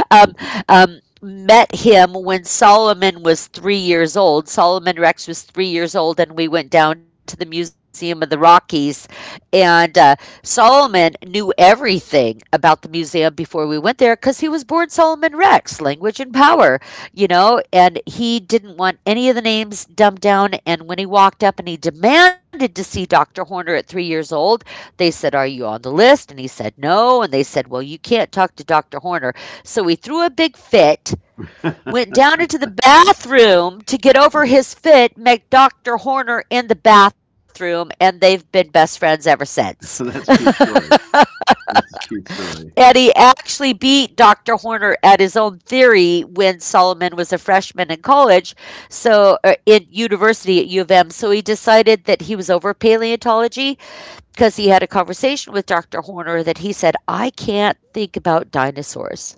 um, um, Met him when Solomon was three years old. Solomon Rex was three years old, and we went down to the Museum of the Rockies. And uh, Solomon knew everything about the museum before we went there because he was born Solomon Rex, language and power, you know, and he didn't want any of the names dumbed down. And when he walked up and he demanded to see doctor Horner at three years old, they said, "Are you on the list?" And he said, "No." And they said, "Well, you can't talk to doctor Horner." So he threw a big fit, went down into the bathroom to get over his fit, met doctor Horner in the bathroom, and they've been best friends ever since.
[laughs] That's a cute story. That's a cute story.
Eddie actually beat doctor Horner at his own theory when Solomon was a freshman in college, so uh, in university at U of M. So he decided that he was over paleontology because he had a conversation with doctor Horner that he said, "I can't think about dinosaurs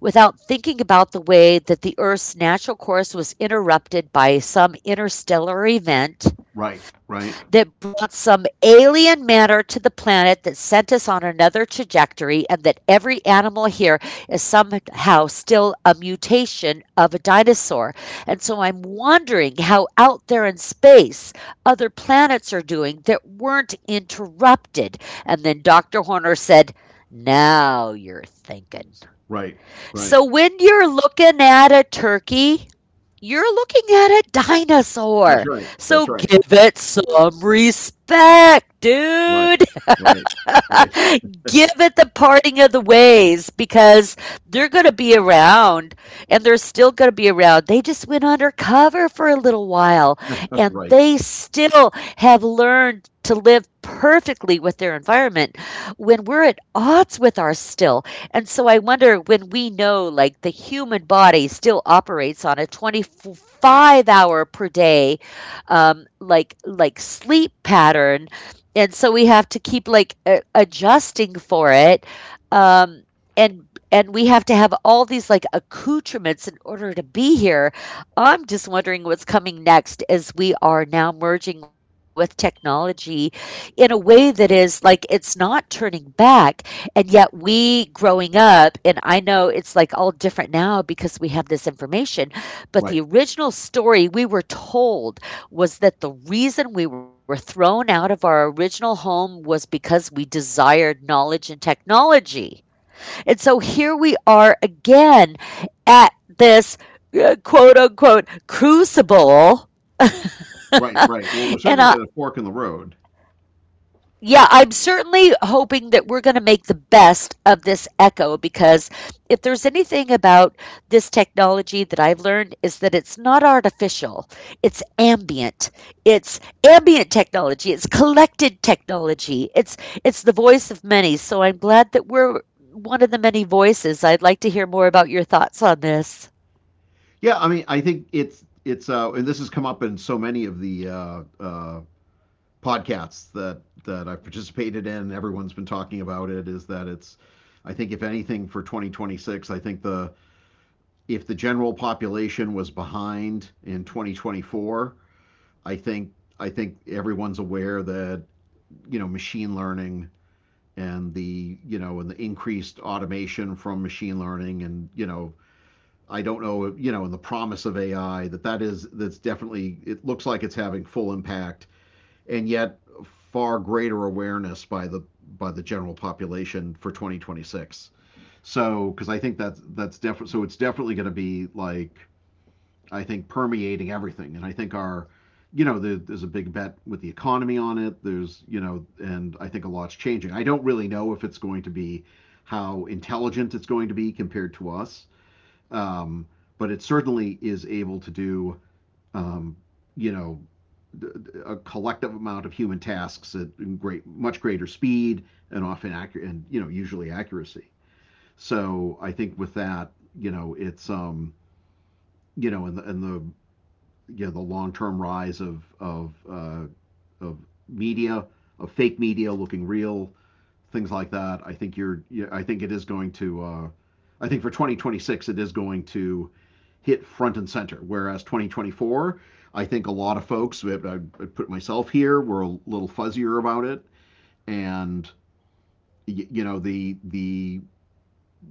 without thinking about the way that the Earth's natural course was interrupted by some interstellar event
Right, right,
that brought some alien matter to the planet that sent us on another trajectory, and that every animal here is somehow still a mutation of a dinosaur. And so I'm wondering how out there in space other planets are doing that weren't interrupted." And then doctor Horner said, "Now you're thinking."
right, right.
So when you're looking at a turkey, you're looking at a
That's
dinosaur.
right. That's
So
right.
give it some respect,
Right,
dude.
right,
[laughs]
right,
Give it the parting of the ways, because they're going to be around and they're still going to be around. They just went undercover for a little while,
[laughs]
and
right,
they still have learned to live perfectly with their environment when we're at odds with ours still. And so I wonder, when we know like the human body still operates on a twenty-five hour per day um, like like sleep pattern, and so we have to keep like a- adjusting for it. Um and and we have to have all these like accoutrements in order to be here. I'm just wondering what's coming next as we are now merging with technology in a way that is like it's not turning back. And yet we growing up, and I know it's like all different now because we have this information.
right.
But the original story we were told was that the reason we were thrown out of our original home was because we desired knowledge and technology. And so here we are again at this uh, quote unquote crucible.
Right, right. Well, we're
[laughs]
certainly
And
at a
I,
fork in the road.
Yeah, I'm certainly hoping that we're going to make the best of this echo, because if there's anything about this technology that I've learned is that it's not artificial. It's ambient. It's ambient technology. It's collected technology. It's it's the voice of many. So I'm glad that we're one of the many voices. I'd like to hear more about your thoughts on this.
Yeah, I mean, I think it's it's uh, and this has come up in so many of the uh, uh, podcasts that that I've participated in. Everyone's been talking about it. Is that it's I think if anything for twenty twenty-six, I think the if the general population was behind in twenty twenty-four, I think I think everyone's aware that you know machine learning and the you know and the increased automation from machine learning and you know I don't know, you know, in the promise of A I that that is that's definitely it looks like it's having full impact and yet far greater awareness by the by the general population for twenty twenty-six. So because I think that's that's definitely so it's definitely going to be like I think permeating everything, and I think our you know there, there's a big bet with the economy on it. There's you know, and I think a lot's changing. I don't really know if it's going to be how intelligent it's going to be compared to us um, but it certainly is able to do um, you know a collective amount of human tasks at great much greater speed and often accurate and you know usually accuracy. So I think with that you know it's um, you know in the in the you know the long term rise of of uh, of media of fake media looking real things like that. I think you're I think it is going to uh, I think for twenty twenty-six it is going to hit front and center. Whereas twenty twenty-four, I think a lot of folks, I, would put myself here, were a little fuzzier about it, and you know the the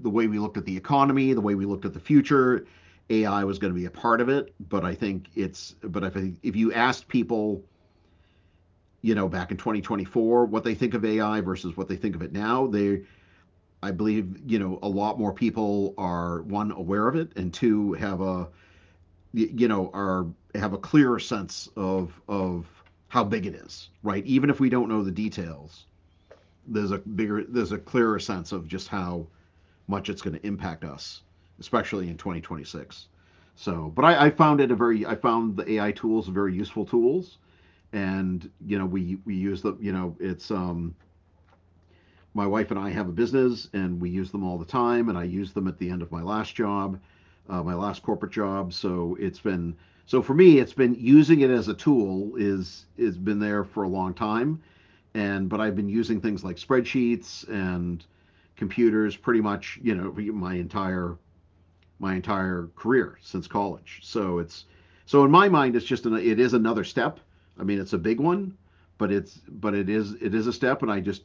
the way we looked at the economy, the way we looked at the future, A I was going to be a part of it. But I think it's but if I- if you asked people you know back in twenty twenty-four what they think of ai versus what they think of it now they I believe you know a lot more people are one aware of it and two have a you know are have a clearer sense of of how big it is right even if we don't know the details there's a bigger there's a clearer sense of just how much it's going to impact us especially in twenty twenty-six so but I, I found it a very I found the ai tools very useful tools and you know we we use the you know it's um my wife and I have a business, and we use them all the time. And I used them at the end of my last job, uh, my last corporate job. So it's been so for me, it's been using it as a tool is has been there for a long time. And but I've been using things like spreadsheets and computers pretty much you know my entire my entire career since college. So it's so in my mind, it's just an, it is another step. I mean, it's a big one, but it's but it is it is a step, and I just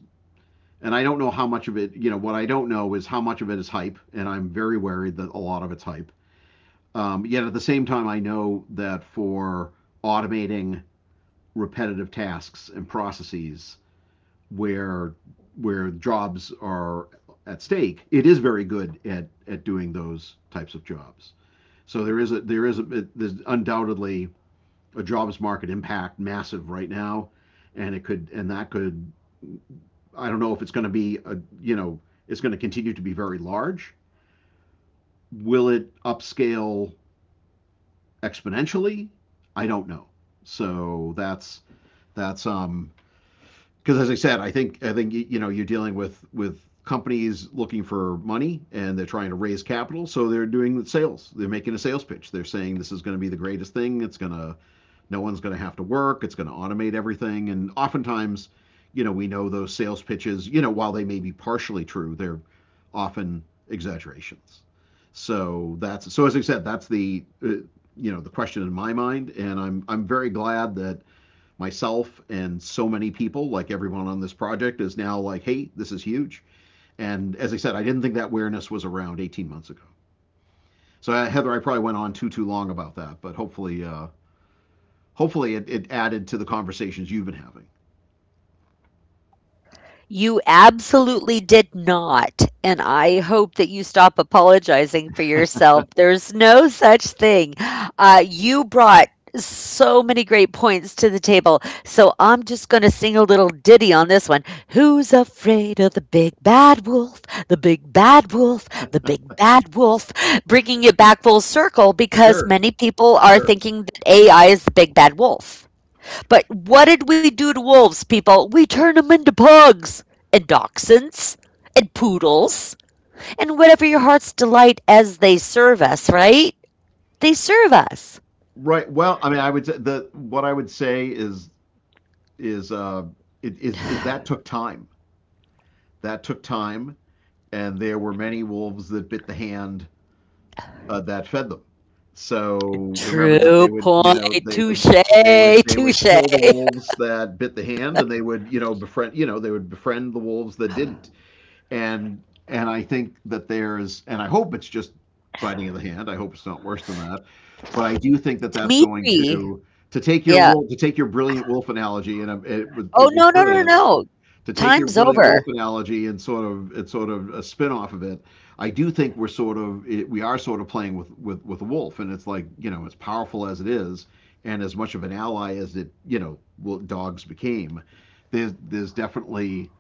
and I don't know how much of it, you know, what I don't know is how much of it is hype, and I'm very worried that a lot of it's hype. Um, yet at the same time, I know that for automating repetitive tasks and processes where where jobs are at stake, it is very good at at doing those types of jobs. So there is a there is a there's undoubtedly a jobs market impact massive right now, and it could and that could I don't know if it's going to be a you know it's going to continue to be very large. Will it upscale exponentially? I don't know. So that's that's um because as I said, I think I think you know you're dealing with with companies looking for money and they're trying to raise capital, so they're doing the sales. They're making a sales pitch. They're saying this is going to be the greatest thing. It's going to no one's going to have to work it's going to automate everything and oftentimes you know we know those sales pitches you know while they may be partially true they're often exaggerations so that's so as I said that's the uh, you know the question in my mind and i'm i'm very glad that myself and so many people like everyone on this project is now like hey this is huge and as I said I didn't think that awareness was around eighteen months ago so uh, heather I probably went on too too long about that but hopefully uh, hopefully it, it added to the conversations you've been having.
You absolutely did not. And I hope that you stop apologizing for yourself. There's no such thing. Uh, you brought so many great points to the table. So I'm just going to sing a little ditty on this one. Who's afraid of the big bad wolf? The big bad wolf, the big bad wolf. Bringing it back full circle because
Sure,
many people are
sure.
thinking that A I is the big bad wolf. But what did we do to wolves, people? We turned them into pugs and dachshunds and poodles and whatever your heart's delight, as they serve us, right? They serve us.
Right. Well, I mean, I would say the what I would say is is uh it is is that took time. That took time, and there were many wolves that bit the hand uh, that fed them. So remember that
True
they would, you
point.
know, they would
Touche.
they would they would
Touche.
kill the wolves that bit the hand, and they would, you know, befriend, you know, they would befriend the wolves that didn't. and and I think that there's and I hope it's just biting of the hand. I hope it's not worse than that, but I do think that that's going
Dimitri.
to to take your
Yeah.
wolf to take your brilliant wolf analogy and um, it was
Oh,
it was
no, no, no,
brilliant
no.
to take your
Time's
brilliant wolf
over.
analogy and sort of it's sort of a spin off of it. I do think we're sort of it, we are sort of playing with with with a wolf, and it's like you know as powerful as it is, and as much of an ally as it you know well, dogs became. There's there's definitely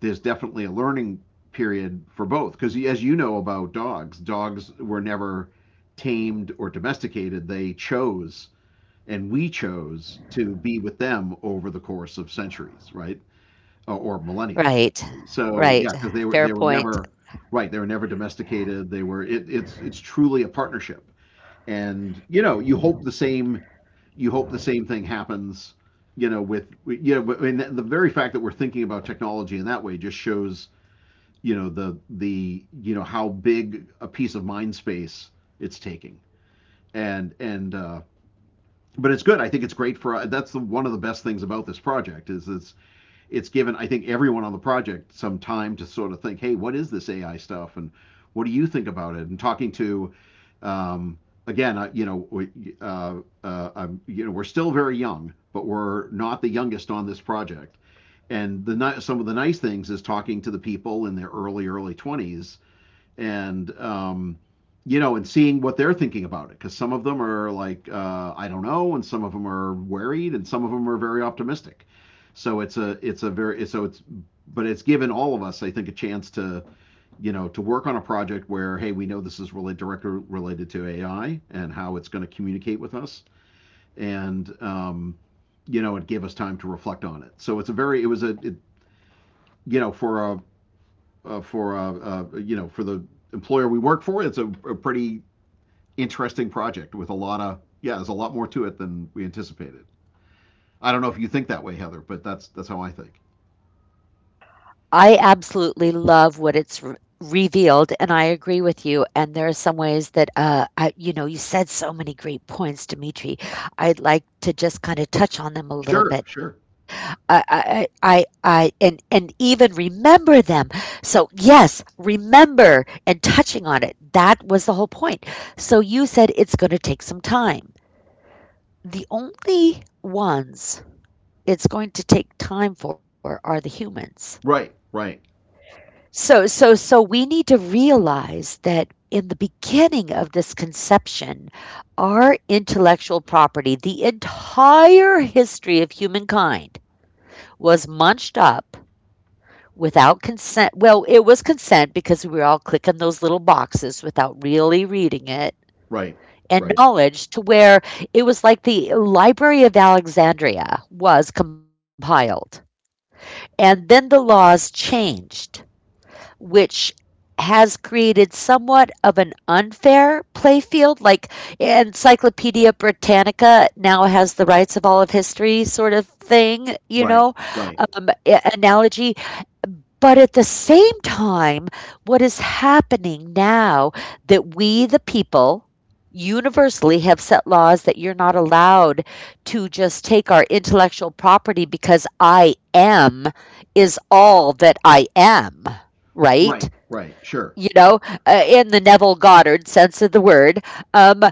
there's definitely a learning period for both because as you know about dogs dogs were never tamed or domesticated they chose and we chose to be with them over the course of centuries right or, or millennia
Right.
actually so
Right.
yeah because they were
Fair
they were
point.
never right they were never domesticated they were it, it's it's truly a partnership and you know you hope the same you hope the same thing happens you know with you know but- and the very fact that we're thinking about technology in that way just shows you know the the you know how big a piece of mind space it's taking and and uh, but it's good I think it's great for that's the, one of the best things about this project is it's it's given I think everyone on the project some time to sort of think hey what is this ai stuff and what do you think about it and talking to um, again I, you know we, uh, uh, I'm, you know we're still very young but we're not the youngest on this project and the some of the nice things is talking to the people in their early early twenties and um, you know, and seeing what they're thinking about it, because some of them are like, uh, I don't know, and some of them are worried, and some of them are very optimistic. So it's a it's a very so it's but it's given all of us, I think, a chance to you know to work on a project where hey, we know this is really directly related to A I and how it's going to communicate with us, and um, you know, it gave us time to reflect on it. So it's a very it was a it, you know for a uh, for uh, uh, you know for the employer we work for. It's a, a pretty interesting project with a lot of yeah, there's a lot more to it than we anticipated. I don't know if you think that way, Heather, but that's that's how I think.
I absolutely love what it's r revealed, and I agree with you, and there are some ways that, uh, I, you know, you said so many great points, Dimitri. I'd like to just kinda touch on them a little
Sure,
bit.
sure.
I I I I and and even remember them. So, yes, remember and touching on it, that was the whole point. So you said it's gonna take some time. The only ones it's going to take time for are the humans.
Right, right,
So so so we need to realize that in the beginning of this conception, our intellectual property, the entire history of humankind, was munched up without consent. Well, it was consent because we were all clicking those little boxes without really reading it.
right, right,
And knowledge to where it was like the Library of Alexandria was compiled. And then the laws changed, which has created somewhat of an unfair playfield. Like Encyclopedia Britannica now has the rights of all of history, sort of thing, you
right,
know,
right,
um, a- analogy. But at the same time, what is happening now, that we, the people, universally have set laws that you're not allowed to just take our intellectual property, because I am is all that I am, right?
right, right. Sure,
You know, uh, in the Neville Goddard sense of the word. Um,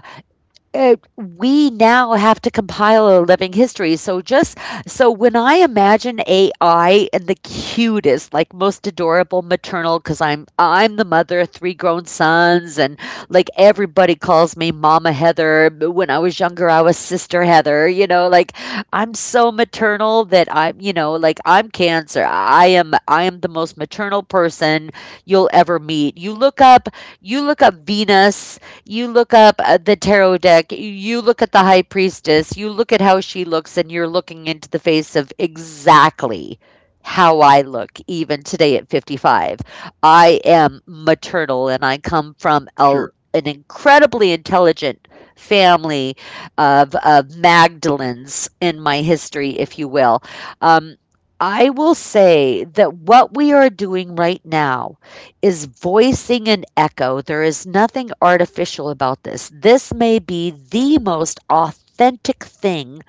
uh, we now have to compile a living history. So just so when I imagine A I and the cutest, like most adorable maternal, because I'm I'm the mother of three grown sons, and like everybody calls me Mama Heather. But when I was younger, I was Sister Heather. You know, like I'm so maternal that I'm, you know, like I'm Cancer. I am I am the most maternal person you'll ever meet. You look up you look up Venus, you look up uh, the tarot deck, you look at the high priestess, you look at how she looks, and you're looking into the face of exactly how I look, even today at fifty-five. I am maternal, and I come from a,
sure.
an incredibly intelligent family of, of Magdalens in my history, if you will. Um, I will say that what we are doing right now is voicing an echo. There is nothing artificial about this. This may be the most authentic thing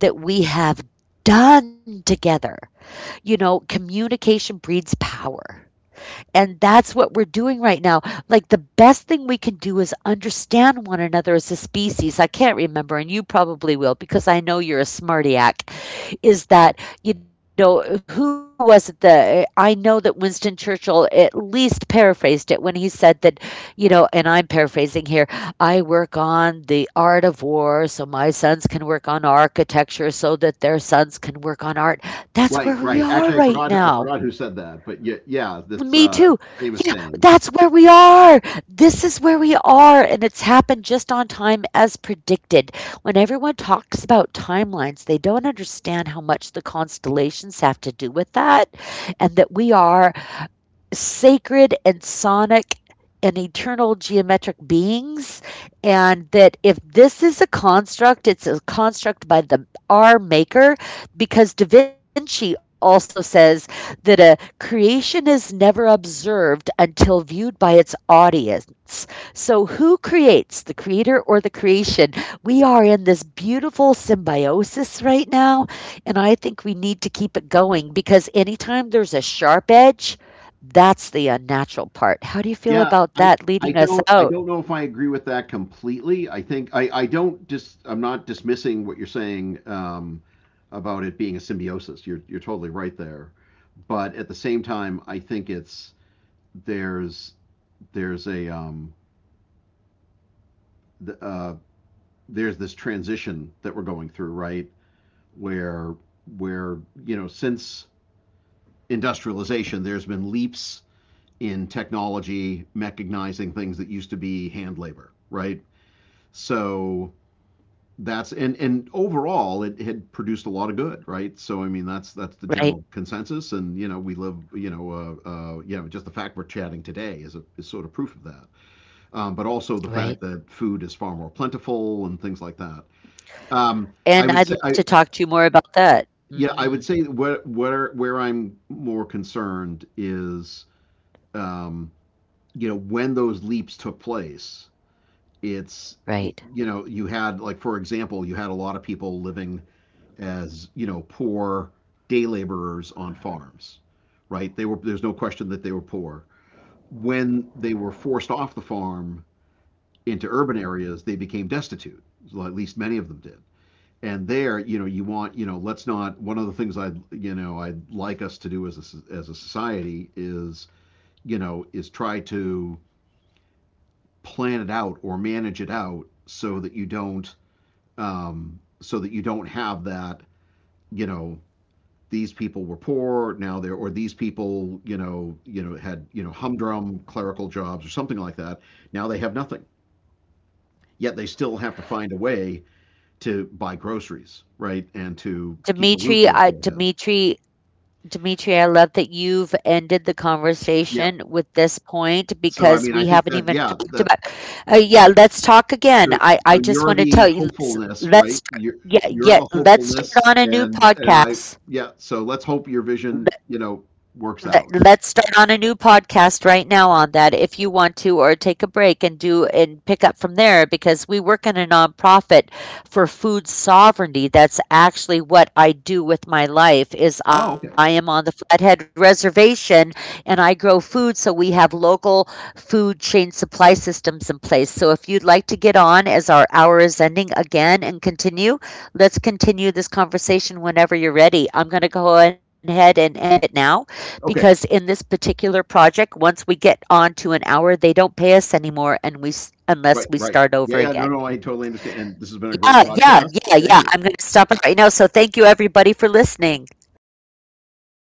that we have done together. You know, communication breeds power. And that's what we're doing right now. Like, the best thing we can do is understand one another as a species. I can't remember, and you probably will because I know you're a smartyac, is that, you know, who was it that I know that Winston Churchill at least paraphrased it when he said that, you know, and I'm paraphrasing here, I work on the art of war so my sons can work on architecture so that their sons can work on art. That's where
Right,
we
right.
are
Actually, I
right
forgot I
now.
forgot who said that, but yeah, yeah, that's
Me
uh, a
too.
famous
Yeah,
saying.
that's where we are. This is where we are. And it's happened just on time as predicted. When everyone talks about timelines, they don't understand how much the constellations have to do with that, and that we are sacred and sonic and eternal geometric beings, and that if this is a construct, it's a construct by the our maker, because da Vinci also says that a creation is never observed until viewed by its audience. So who creates the creator or the creation? We are in this beautiful symbiosis right now, and I think we need to keep it going, because anytime there's a sharp edge, that's the unnatural part. How do you feel
Yeah,
about
I
that
I
leading
don't
us
I
out?
don't know if I agree with that completely. I think I I don't just I'm not dismissing what you're saying um, about it being a symbiosis. You're you're totally right there. But at the same time, I think it's there's there's a um the, uh there's this transition that we're going through, right? Where where you know since industrialization, there's been leaps in technology mechanizing things that used to be hand labor, right? So that's and and overall it had produced a lot of good right so I mean that's that's the
Right,
general consensus and you know we live you know uh, uh, you know just the fact we're chatting today is a is sort of proof of that um, but also the fact
right.
that food is far more plentiful and things like that um, I
And
would
I'd
say
love
I
to talk to you more about that.
yeah I would
Mhm.
say where where where I'm more concerned is um, you know when those leaps took place it's
Right.
you know you had like for example you had a lot of people living as you know poor day laborers on farms, right? They were there's no question that they were poor. When they were forced off the farm into urban areas, they became destitute. Well, at least many of them did. And there, you know, you want, you know, let's not. One of the things I, you know, I'd like us to do as a, as a society is, you know, is try to plan it out or manage it out so that you don't, um, so that you don't have that, you know, these people were poor now they're or these people you know you know had you know humdrum clerical jobs or something like that now they have nothing yet they still have to find a way to buy groceries right and to keep a roof
Dimitri,
over
I
their head
Dimitri Dimitri, I love that you've ended the
yeah
conversation with this point
so I
because
mean
we
I think
haven't
that
even
yeah
talked
that
about uh, yeah, let's talk again.
so
I
so
I just
you're
want to
the
tell you, let's
hopefulness
let's
right you're
yeah,
you're
yeah,
the
let's start
hopefulness
on a new
and and I
podcast.
yeah so let's hope your vision you know works
Let,
out
let's start on a new podcast right now on that if you want to, or take a break and do and pick up from there because we work in a nonprofit for food sovereignty. That's actually what I do with my life is
oh
I
okay
am on the Flathead Reservation, and I grow food so we have local food chain supply systems in place. So if you'd like to get on, as our hour is ending again, and continue, let's continue this conversation whenever you're ready. I'm going to go ahead and end it now because
okay
in this particular project, once we get on to an hour, they don't pay us anymore, and we s- unless
Right,
we
right.
start
Yeah,
over
yeah. No,
again.
no, I totally understand. And this has been a great
Yeah, yeah,
podcast.
yeah,
Thank
yeah.
you.
I'm going to stop it right now. So thank you everybody for listening. Yeah, that